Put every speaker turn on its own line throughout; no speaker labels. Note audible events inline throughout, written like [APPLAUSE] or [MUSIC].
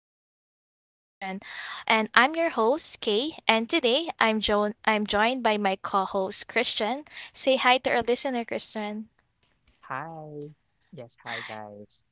unfiltered conversation. And I'm your host, Kay, and today I'm joined by my co-host Christian. Say hi to our listener, Christian.
Hi. Yes, hi guys.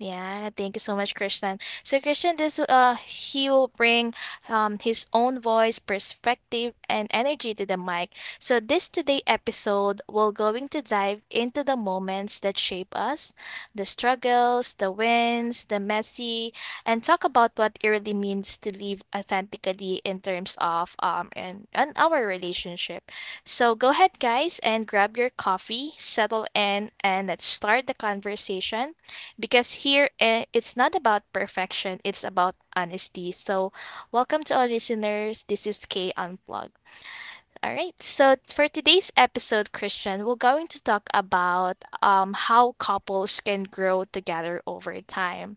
Yeah, thank you so much, Christian. So Christian, this he will bring his own voice, perspective, and energy to the mic. So this today episode we're going to dive into the moments that shape us, the struggles, the wins, the messy, and talk about what it really means to live authentically in terms of and our relationship. So go ahead guys and grab your coffee, settle in, and let's start the conversation because here it's not about perfection, it's about honesty. So, welcome to all listeners. This is K Unplugged. All right. So, for today's episode, Christian, we're going to talk about how couples can grow together over time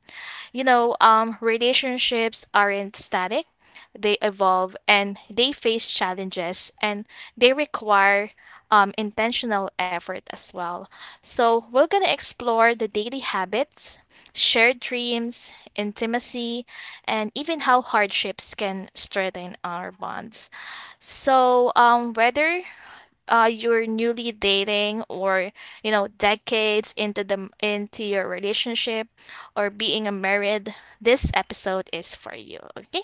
you know, relationships aren't static. They evolve and they face challenges and they require intentional effort as well. So, we're going to explore the daily habits, shared dreams, intimacy, and even how hardships can strengthen our bonds. So, whether you're newly dating or you know decades into your relationship or being a married, this episode is for you. Okay,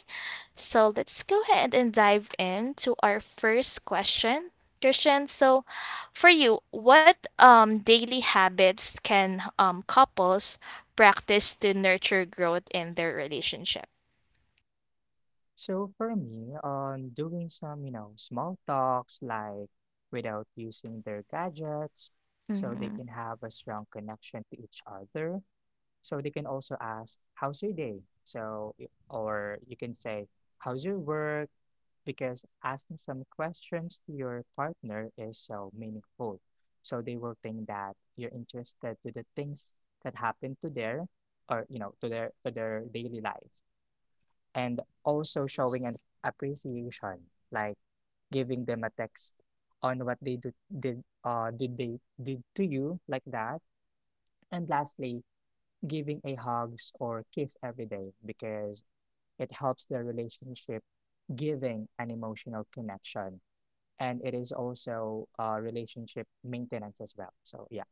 so let's go ahead and dive into our first question, Christian. So for you, what daily habits can couples practice to nurture growth in their relationship?
So for me, on doing some, you know, small talks like without using their gadgets, so they
Mm-hmm.
can have a strong connection to each other. So they can also ask, "How's your day?" So or you can say, "How's your work?" Because asking some questions to your partner is so meaningful. So they will think that you're interested to the things that happen to their or you know to their daily life. And also showing an appreciation, like giving them a text on what they do, did they did to you, like that. And lastly, giving a hugs or kiss every day because it helps their relationship, giving an emotional connection, and it is also relationship maintenance as well. So yeah.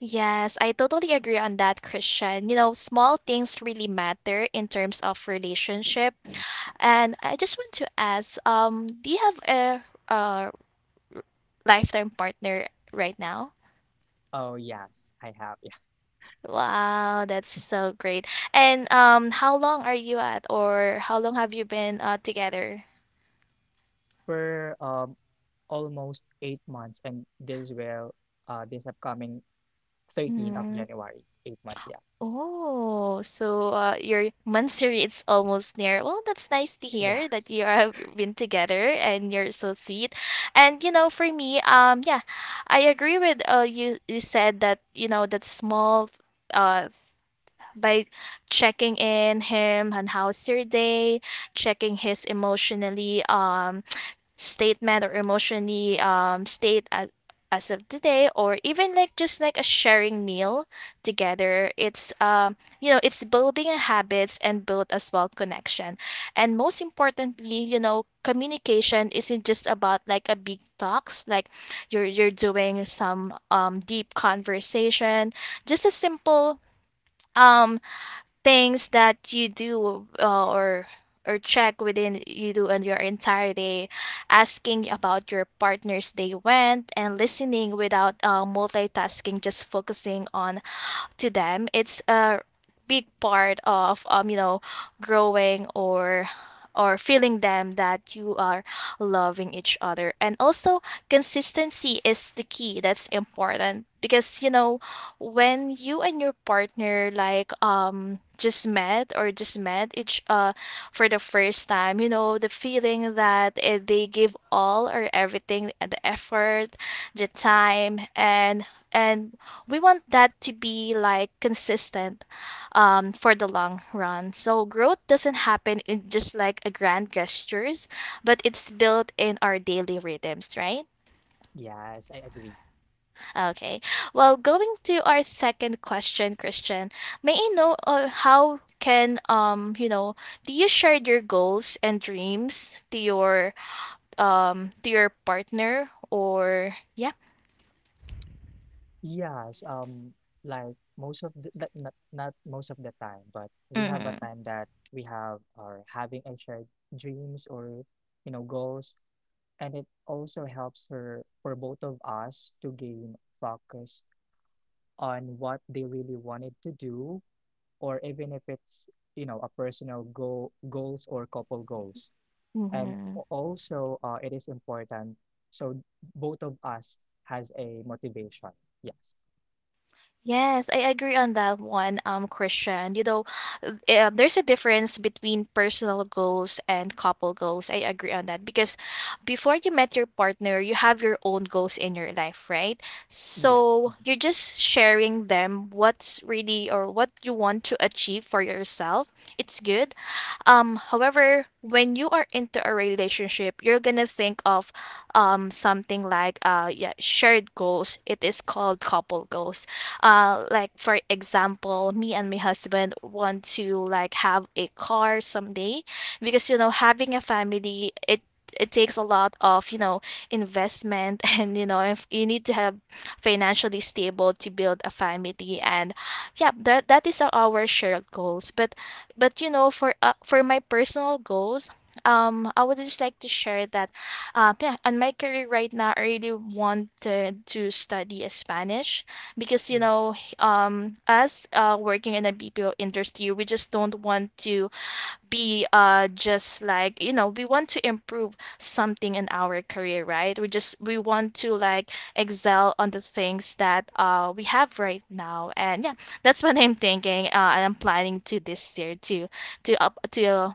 Yes, I totally agree on that, Christian. You know, small things really matter in terms of relationship. And I just want to ask, do you have a lifetime partner right now?
Oh yes, I have. Yeah,
Wow, that's so great. And how long are you at, or how long have you been together?
we're almost 8 months, and this upcoming 13th of
Hmm.
January, 8 months. Yeah,
Oh, so your monthsary it's almost near. Well, that's nice to
yeah,
hear that you have been together and you're so sweet. And you know, for me, yeah, I agree with you. You said that you know that small uh by checking in him on how's your day, checking his emotionally statement or emotionally state as of today, or even like just like a sharing meal together. It's you know it's building habits and build as well connection, and most importantly, you know, communication isn't just about like a big talks like you're doing some deep conversation, just a simple um things that you do or check within you do on your entire day, asking about your partner's day went and listening without multitasking, just focusing on to them. It's a big part of you know growing or feeling them that you are loving each other. And also, consistency is the key. That's important because you know when you and your partner like just met each for the first time, you know, the feeling that they give all or everything, the effort, the time, and we want that to be like consistent for the long run. So growth doesn't happen in just like a grand gestures, but it's built in our daily rhythms, right?
[LAUGHS] yes, I agree.
Okay. Well, going to our second question, Christian, may I know how can you know do you share your goals and dreams to your partner or yeah.
Yes, like most of the that not not most of the time, but we have a
Mm-hmm.
time that we have are having a shared dreams or you know goals, and it also helps her for both of us to gain focus on what they really wanted to do, or even if it's, you know, a personal goal goals or couple goals. And
Mm-hmm.
also, it is important. So both of us has a motivation. Yes.
Yes, I agree on that one, Christian. You know, there's a difference between personal goals and couple goals. I agree on that because before you met your partner, you have your own goals in your life, right?
Yeah.
So
Mhm.
you're just sharing them what's really or what you want to achieve for yourself. It's good however, when you are into a relationship, you're gonna think of something like yeah, shared goals. It is called couple goals. Like for example, me and my husband want to like have a car someday, because you know having a family it it takes a lot of you know investment [LAUGHS] and you know if you need to have financially stable to build a family and yeah that that is our shared goals. But you know, for my personal goals, I would just like to share that, yeah, on my career right now, I really wanted to study Spanish, because you
Ooh.
know, as working in a BPO industry, we just don't want to be just like you know we want to improve something in our career right we just we want to like excel on the things that we have right now. And yeah, that's what I'm thinking and I'm planning to this year to up to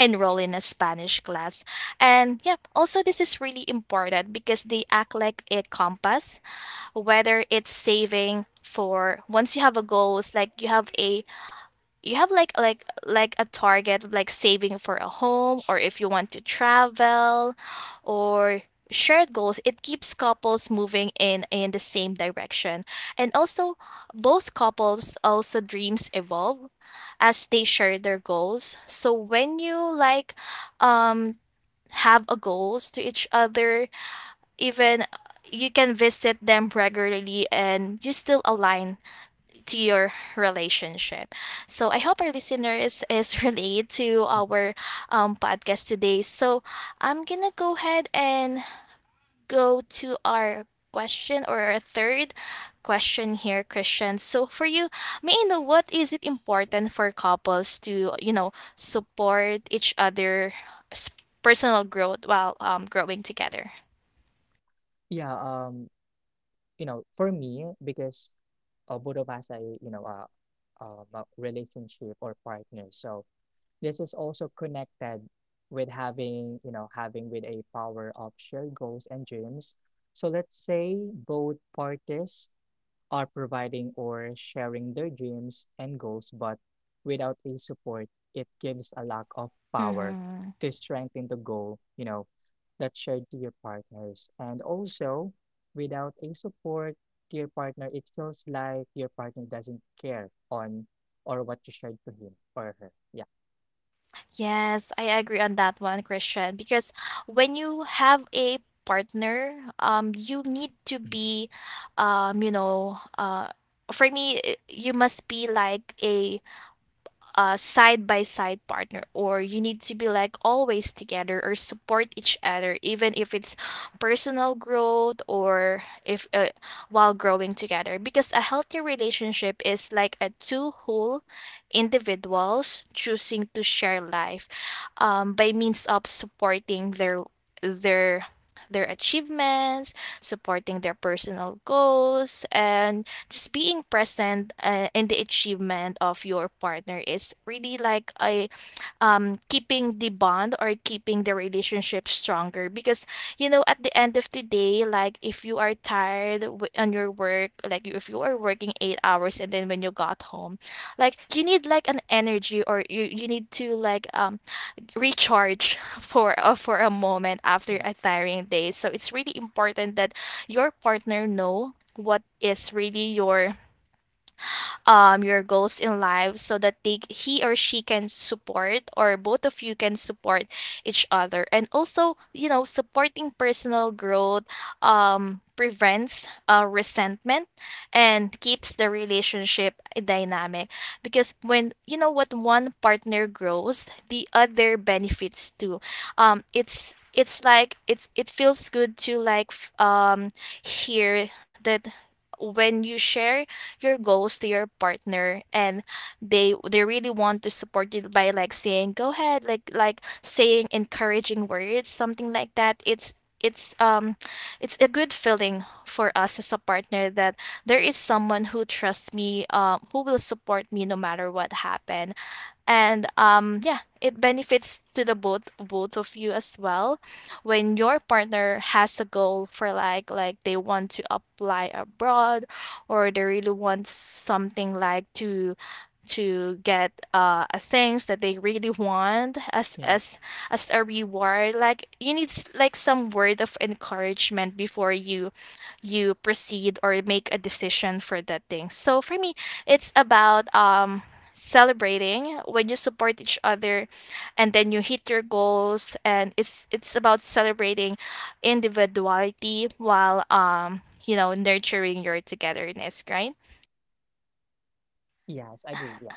enroll in a Spanish class. And yeah, also this is really important because they act like a compass, whether it's saving for once you have a goal. It's like you have like a target, like saving for a home, or if you want to travel or shared goals. It keeps couples moving in the same direction. And also both couples also dreams evolve as they share their goals. So when you like um have a goals to each other, even you can visit them regularly and you still align to your relationship. So I hope our listeners [LAUGHS] is relate to
Mhm.
our podcast today. So I'm gonna go ahead and go to our question or our third question here, Christian. So for you, may I know what is it important for couples to you know support each other s- personal growth while growing together?
Yeah, you know, for me, because both of us are, you know, a relationship or partner. So this is also connected with having, you know, having with a power of shared goals and dreams. So let's say both parties are providing or sharing their dreams and goals, but without a support, it gives a lack of power
Mm-hmm.
to strengthen the goal, you know, that's shared to your partners. And also, without a support to your partner, it feels like your partner doesn't care on or what you shared to him or her. Yeah.
Yes, I agree on that one, Christian, because when you have a partner, you need to
Mm.
be, you know, for me, you must be like a side by side partner, or you need to be like always together or support each other even if it's personal growth or if while growing together, because a healthy relationship is like a two whole individuals choosing to share life by means of supporting their their achievements, supporting their personal goals, and just being present in the achievement of your partner is really like a keeping the bond or keeping the relationship stronger. Because you know at the end of the day, like if you are tired on your work, like if you are working 8 hours and then when you got home, like you need like an energy, or you need to like recharge [LAUGHS] for a moment after a tiring day. So it's really important that your partner know what is really your goals in life, so that they he or she can support, or both of you can support each other. And also, you know, supporting personal growth prevents resentment and keeps the relationship dynamic, because when you know what one partner grows the other benefits too. Um, it's like it feels good to like hear that when you share your goals to your partner and they really want to support you by like saying go ahead, like saying encouraging words something like that. It's it's um it's a good feeling for us as a partner that there is someone who trusts me, um, who will support me no matter what happen. And yeah it benefits to the both of you as well, when your partner has a goal for like they want to apply abroad, or they really want something like to get a things that they really want
Yeah,
as a reward. Like you need like some word of encouragement before you proceed or make a decision for that thing. So for me, it's about celebrating when you support each other and then you hit your goals. And it's about celebrating individuality while you know nurturing your togetherness, right?
yes, I agree. Yeah.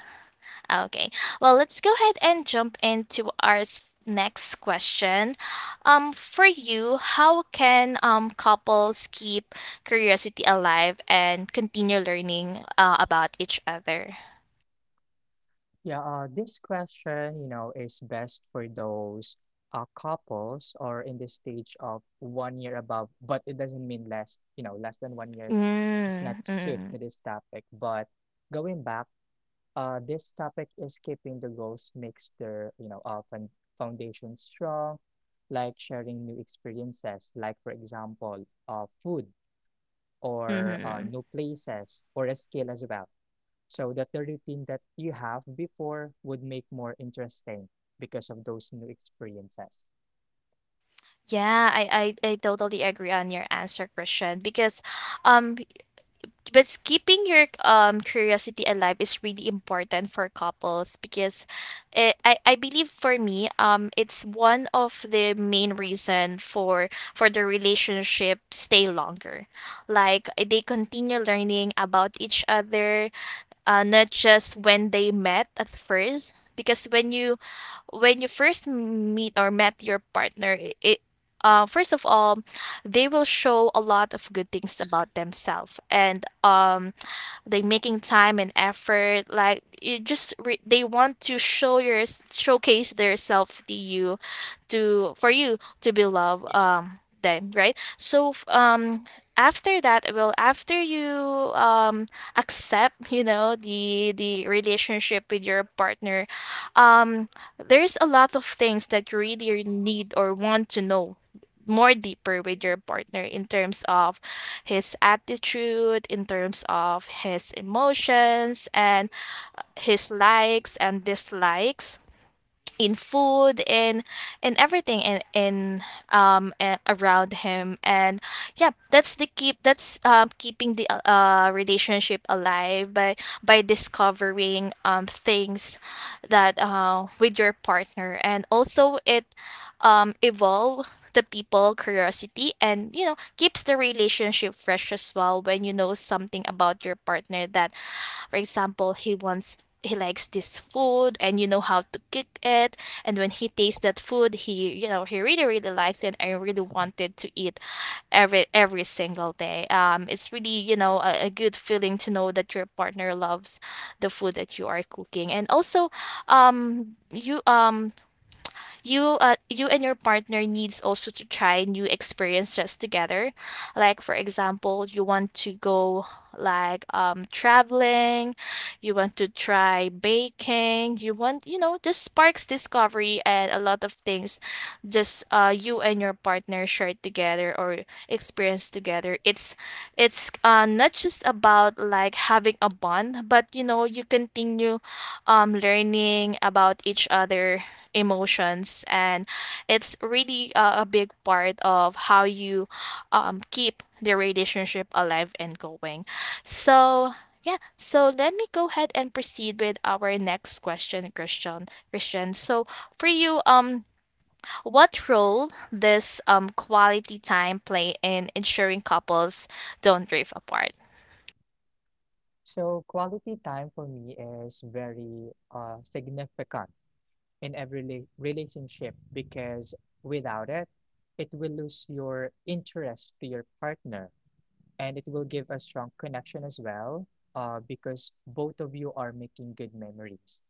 Okay, well, let's go ahead and jump into our next question. Um, for you, how can couples keep curiosity alive and continue learning about each other?
Yeah, this question, you know, is best for those couples or in the stage of 1 year above, but it doesn't mean less, you know, less than 1 year is not
mm,
suit
mm,
to this topic. But going back, this topic is keeping the goals makes their, you know, fun foundation strong, like sharing new experiences, like for example, food or
mm-hmm.
new places or a skill as well, so that the routine that you have before would make more interesting because of those new experiences.
Yeah, I totally agree on your answer, Christian. Because, um, but keeping your curiosity alive is really important for couples, because, it, I believe for me it's one of the main reason for the relationship stay longer, like they continue learning about each other, not just when they met at first. Because when you first meet or met your partner, I- it first of all, they will show a lot of good things about themselves, and they making time and effort like they want to showcase their self to you to for you to be love
Yeah.
them, right? After that, well, after you um accept, you know, the relationship with your partner, um there's a lot of things that you really need or want to know more deeper with your partner in terms of his attitude, in terms of his emotions and his likes and dislikes in food, in everything, around him. And yeah, that's the keep that's keeping the relationship alive by discovering things that with your partner. And also it evolve the people curiosity, and you know, keeps the relationship fresh as well when you know something about your partner, that for example he likes this food and you know how to cook it. And when he tastes that food, he you know he really really likes it and really wanted to eat every single day. It's really, you know, a good feeling to know that your partner loves the food that you are cooking. And also um you um you and your partner needs also to try new experiences together. Like for example, you want to go like traveling, you want to try baking, you want, you know, this sparks discovery and a lot of things just you and your partner share together or experience together. It's not just about like having a bond, but you know, you continue learning about each other emotions. And it's really a big part of how you keep the relationship alive and going. So yeah, so let me go ahead and proceed with our next question, Christian, so for you, what role does quality time play in ensuring couples don't drift apart?
So quality time for me is very significant in every relationship because without it, it will lose your interest to your partner, and it will give a strong connection as well, because both of you are making good memories.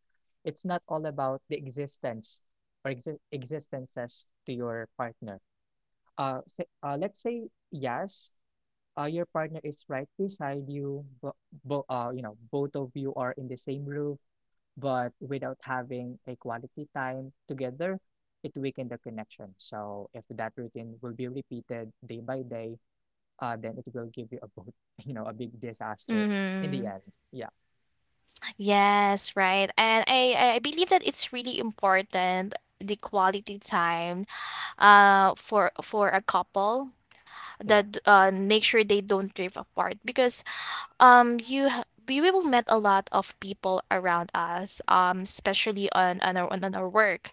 It's not all about the existences to your partner. Let's say yes, your partner is right beside you, but you know, both of you are in the same roof, but without having a quality time together, it weakened the connection. So if that routine will be repeated day by day, then it will give you a both, [LAUGHS] you know, a big disaster in the
Mm-hmm.
end. Yeah,
Yes, right. And I believe that it's really important, the quality time, for a couple,
yeah,
that make sure they don't drift apart. Because we will met a lot of people around us, especially on on our work.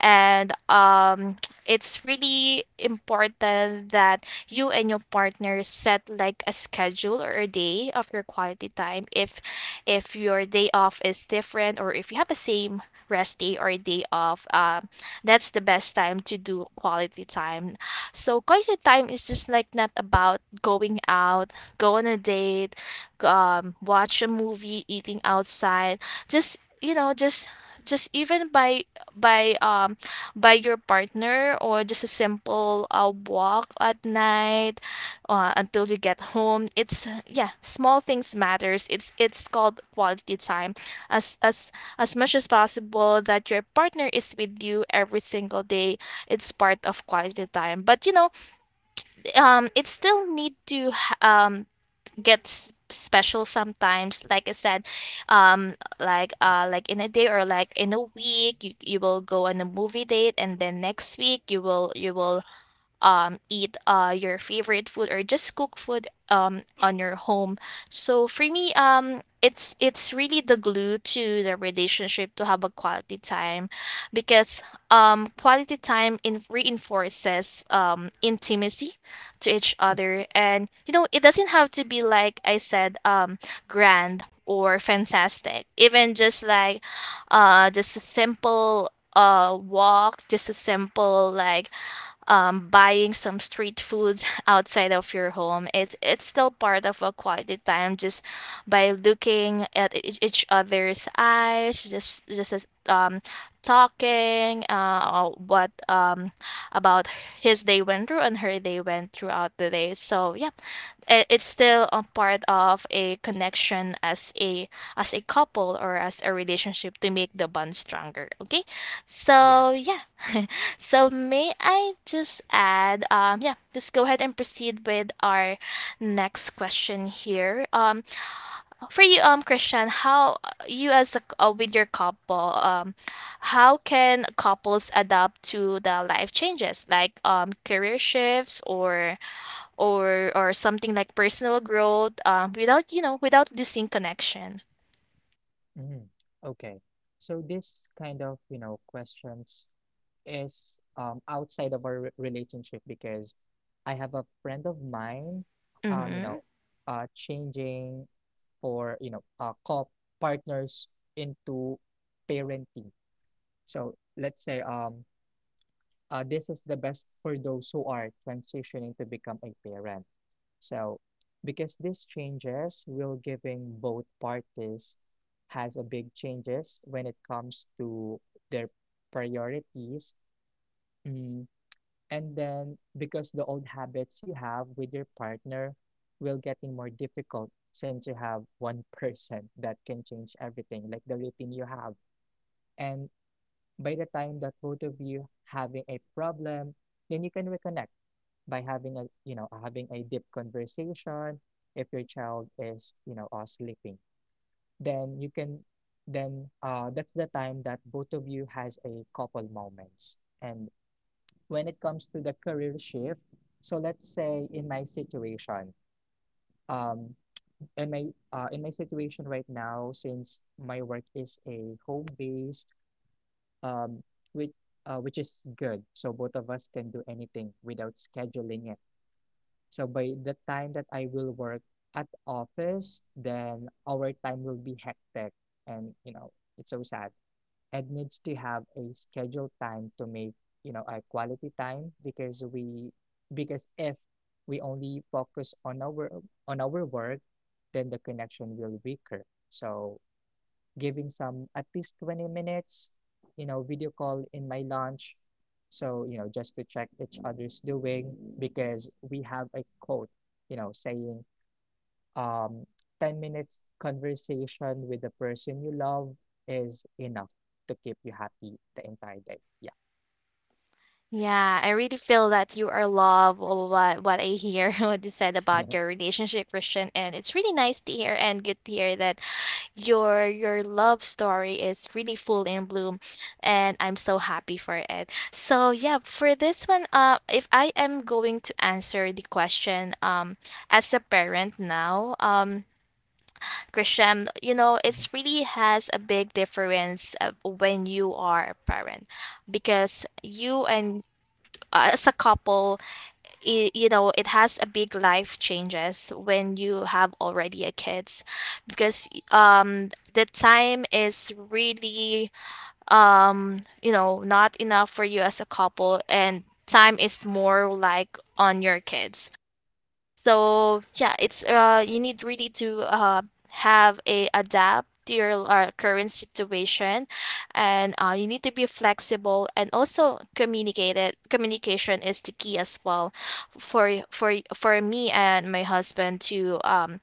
And it's really important that you and your partner set like a schedule or a day of your quality time. If your day off is different, or if you have the same rest day or day off, that's the best time to do quality time. So quality time is just like not about going out, go on a date, watch a movie, eating outside, just you know, just even by by um by your partner, or just a simple walk at night until you get home. It's, yeah, small things matters. It's called quality time. as as as much as possible that your partner is with you every single day, it's part of quality time. But you know, it still need to gets special sometimes, like I said, um like in a day or like in a week, you will go on a movie date, and then next week you will eat your favorite food, or just cook food on your home. So for me, it's really the glue to the relationship to have a quality time. Because quality time in reinforces intimacy to each other. And you know, it doesn't have to be, like I said, grand or fantastic. Even just like just a simple walk, just a simple like buying some street foods [LAUGHS] outside of your home. It's still part of a quality time, just by looking at each other's eyes, just as, talking what about his day went through and her day went throughout the day. So yeah, it's still a part of a connection as a couple or as a relationship to make the bond stronger. Okay,
yeah.
so yeah, so may I just add, yeah, just go ahead and proceed with our next question here. For you, Christian, how you, as a, with your couple, how can couples adapt to the life changes like career shifts or or something like personal growth, without, you know, without losing connection.
Mm. Okay. So this kind of, you know, questions is outside of our relationship because I have a friend of mine, you
Mm-hmm.
know, changing for you know co partners into parenting. So let's say this is the best for those who are transitioning to become a parent. So because these changes will giving both parties has a big changes when it comes to their priorities. mm, and then, because the old habits you have with your partner will getting more difficult since you have one [LAUGHS] person that can change everything, like the routine you have. And by the time that both of you having a problem, then you can reconnect by having a, you know, having a deep conversation. If your child is, you know, sleeping, then you can, then that's the time that both of you has a couple moments. And when it comes to the career shift, so let's say in my situation, um in my in my situation right now, since my work is a home based, um which which is good, so both of us can do anything without scheduling it. So by the time that I will work at office, then our time will be hectic, and you know, it's so sad. It needs to have a scheduled time to make, you know, a quality time because we because if we only focus on our work, then the connection will weaker. So giving some at least 20 minutes, you know, video call in my lunch, so you know, just to check each other's doing. Because we have a quote, you know, saying, um, 10 minutes conversation with the person you love is enough to keep you happy the entire day. Yeah.
Yeah, I really feel that you are love, or what I hear [LAUGHS] what you said about your
[LAUGHS]
relationship, Christian. And it's really nice to hear and good to hear that your love story is really full in bloom, and I'm so happy for it. So yeah, for this one, if I am going to answer the question, as a parent now, Christian, you know, it's really has a big difference when you are a parent. Because you and as a couple, I you know, it has a big life changes when you have already a kids. Because the time is really you know, not enough for you as a couple, and time is more like on your kids. So yeah, it's you need really to have a adapt to your current situation. And you need to be flexible and also communicate it. Communication is the key as well for for me and my husband to um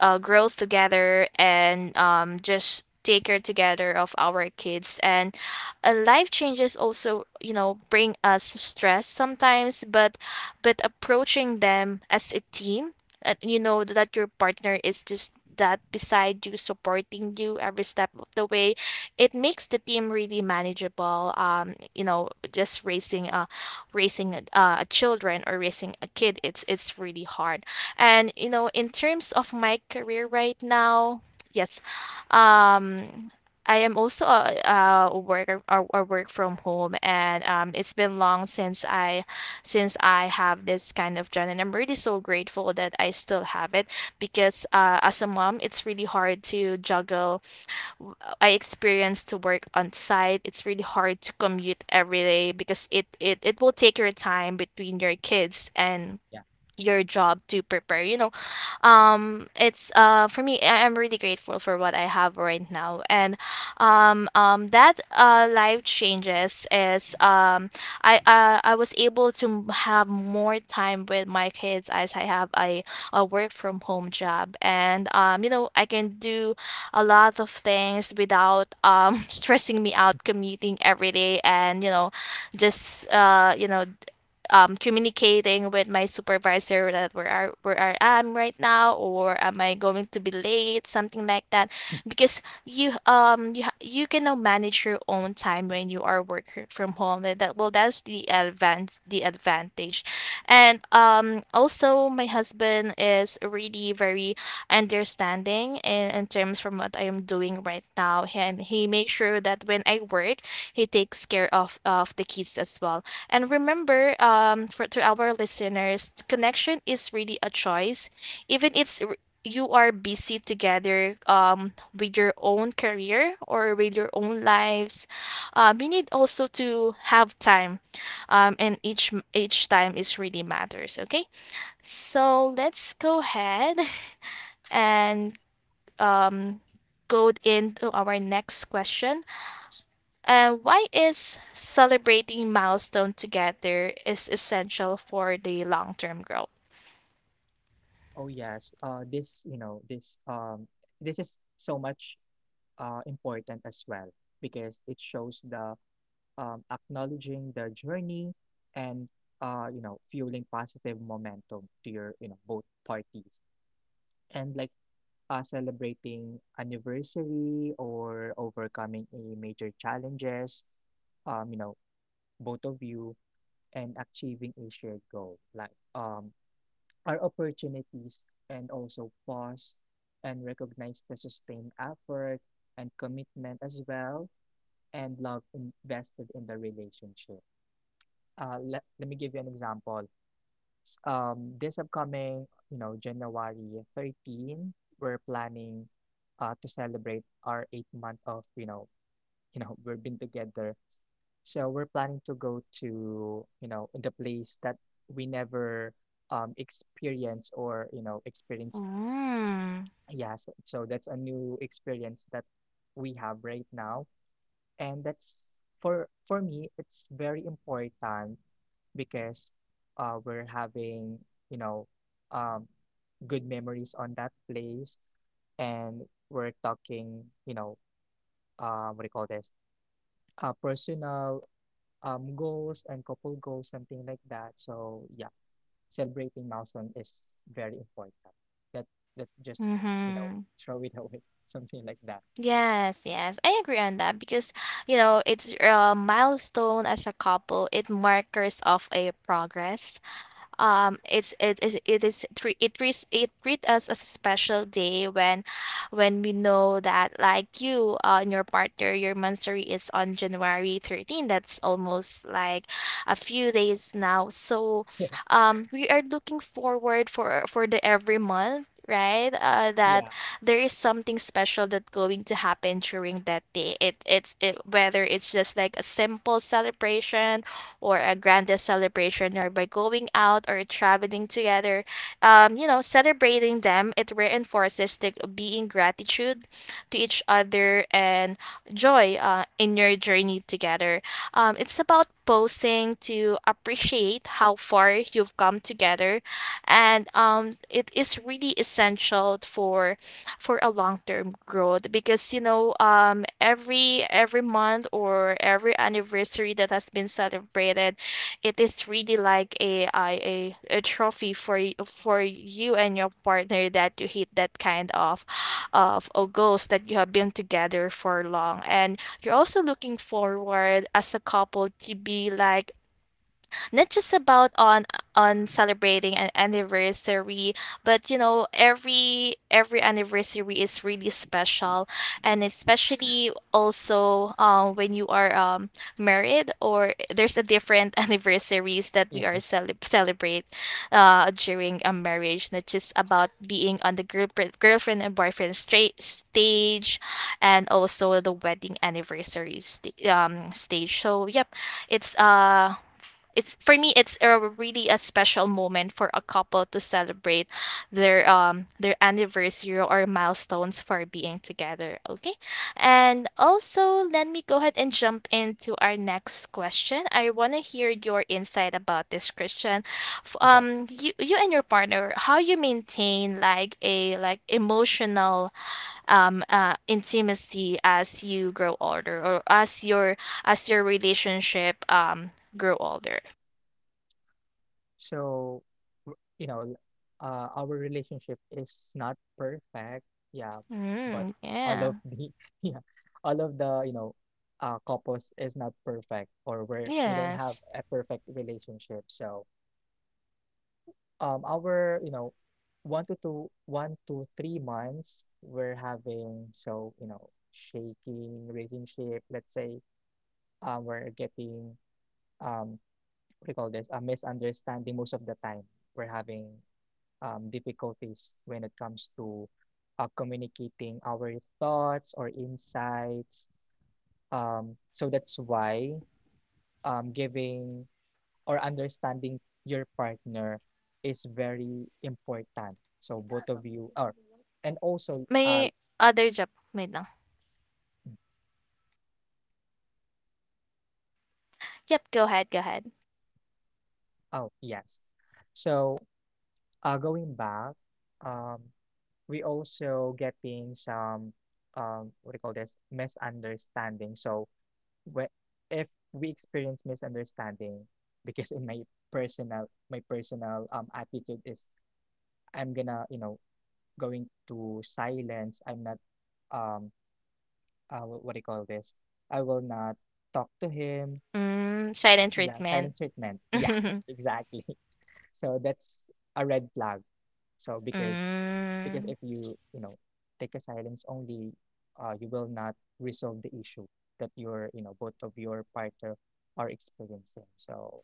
uh, growth together, and just take care together of our kids. And life changes also, you know, bring us stress sometimes. But approaching them as a team, and you know that your partner is just that beside you supporting you every step of the way, it makes the team really manageable. You know, just raising a children or raising a kid, it's really hard. And you know, in terms of my career right now, yes, um, I am also a worker, or work from home. And it's been long since I have this kind of job, and I'm really so grateful that I still have it. Because as a mom, it's really hard to juggle. w- I experience to work on site. It's really hard to commute every day, because it will take your time between your kids and
Yeah.
your job, to prepare, you know. It's for me, I'm really grateful for what I have right now. And that life changes is I was able to have more time with my kids, as I have a work from home job. And you know, I can do a lot of things without [LAUGHS] stressing me out commuting every day. And you know, just you know, communicating with my supervisor that where are where I am right now, or am I going to be late, something like that. Because you can now manage your own time when you are working from home. And that's the advantage. And also my husband is really very understanding in terms from what I am doing right now, and he makes sure that when I work, he takes care of the kids as well. And remember, for to our listeners, connection is really a choice. Even you are busy together with your own career or with your own lives. You need also to have time, and each time is really matters. Okay, so let's go ahead and um, go into our next question. Why is celebrating milestone together is essential for the long-term growth?
Oh yes. This, you know, this this is so much important as well, because it shows the acknowledging the journey and you know, fueling positive momentum to your, you know, both parties. And like, celebrating anniversary or overcoming a major challenges, you know, both of you and achieving a shared goal, like are opportunities, and also pause and recognize the sustained effort and commitment as well and love invested in the relationship. Let me give you an example. This upcoming, you know, January 13, we're planning to celebrate our 8 month of, you know, we've been together. So we're planning to go to, you know, the place that we never experience or, you know, experienced.
Mm.
Yes. So so that's a new experience that we have right now, and that's for me it's very important because we're having, you know, um, good memories on that place, and we're talking, you know, what do you call this, personal goals and couple goals, something like that. So yeah, celebrating milestone is very important, that that just you know,
Mm-hmm.
throw it away [LAUGHS] something like that.
Yes, yes, I agree on that. Because, you know, it's a milestone as a couple. It markers of a progress. It's it is treat it treats it treat us as a special day, when we know that, like you and your partner, your monthsary is on January 13, that's almost like a few days now. So
[LAUGHS] Yeah,
we are looking forward for the every month, right, that
yeah,
there is something special that going to happen during that day. Whether it's just like a simple celebration or a grandest celebration, or by going out or traveling together, you know, celebrating them, it reinforces the being gratitude to each other, and joy in your journey together. It's about posting to appreciate how far you've come together. And it is really essential for a long-term growth. Because you know, every month or every anniversary that has been celebrated, it is really like a trophy for for you and your partner, that you hit that kind of goals that you have been together for long. And you're also looking forward as a couple to be like not just about on celebrating an anniversary, but you know, every anniversary is really special. And especially also when you are married, or there's a different [LAUGHS] anniversaries that we
yeah.
celebrate during a marriage, not just about being on the girlfriend and boyfriend straight stage, and also the wedding anniversary stage. So yep, it's uh it's for me, it's a really a special moment for a couple to celebrate their anniversary or milestones for being together. Okay, and also let me go ahead and jump into our next question. I want to hear your insight about this, Christian.
Okay.
You, you and your partner, how you maintain like a like emotional intimacy as you grow older, or as your relationship grow older?
So, you know, our relationship is not perfect, yeah, but
Mm,
all
yeah.
of the, [LAUGHS] yeah, all of the, you know, couples is not perfect, or we don't have
Yes.
a perfect relationship. So, our, you know, 1 to 3 months, we're having so, you know, shaking relationship. Let's say, we're getting, um, what do you call this? A misunderstanding most of the time. We're having difficulties when it comes to communicating our thoughts or insights. So that's why giving or understanding your partner is very important. So both of you are, and also,
May other job. Wait lang. Yep, go ahead, go ahead.
oh yes. So going back, um, we also getting some, what do you call this, misunderstanding. So where if we experience misunderstanding, because in my personal attitude is, I'm gonna, you know, going to silence. I'm not um what do you call this, I will not talk to him.
Mm, silent
Yeah,
treatment.
silent treatment,
[LAUGHS]
yeah. [LAUGHS] Exactly. [LAUGHS] So that's a red flag, so because
Mm.
if you, you know, take a silence only, you will not resolve the issue that you're, you know, both of your partner are experiencing. So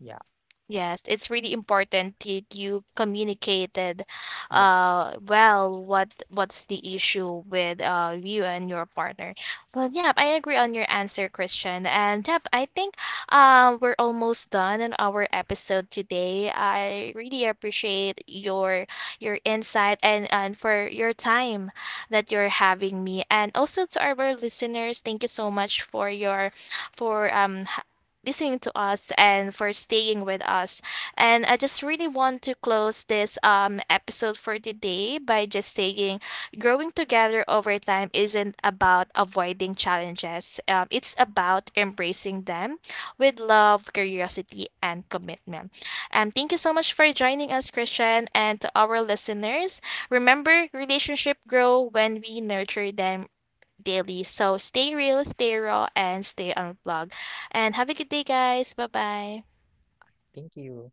yeah,
Yes, it's really important that you communicated
yeah.
well what what's the issue with you and your partner. Well, yeah, I agree on your answer, Christian. And yeah, I think we're almost done in our episode today. I really appreciate your insight and for your time that you're having me. And also to our listeners, thank you so much for your for listening to us and for staying with us. And I just really want to close this episode for today by just saying, growing together over time isn't about avoiding challenges, it's about embracing them with love, curiosity, and commitment. Thank you so much for joining us, Christian, and to our listeners. Remember, relationship grow when we nurture them daily. So stay real, stay raw, and stay unplugged. And have a good day, guys. Bye bye.
I think you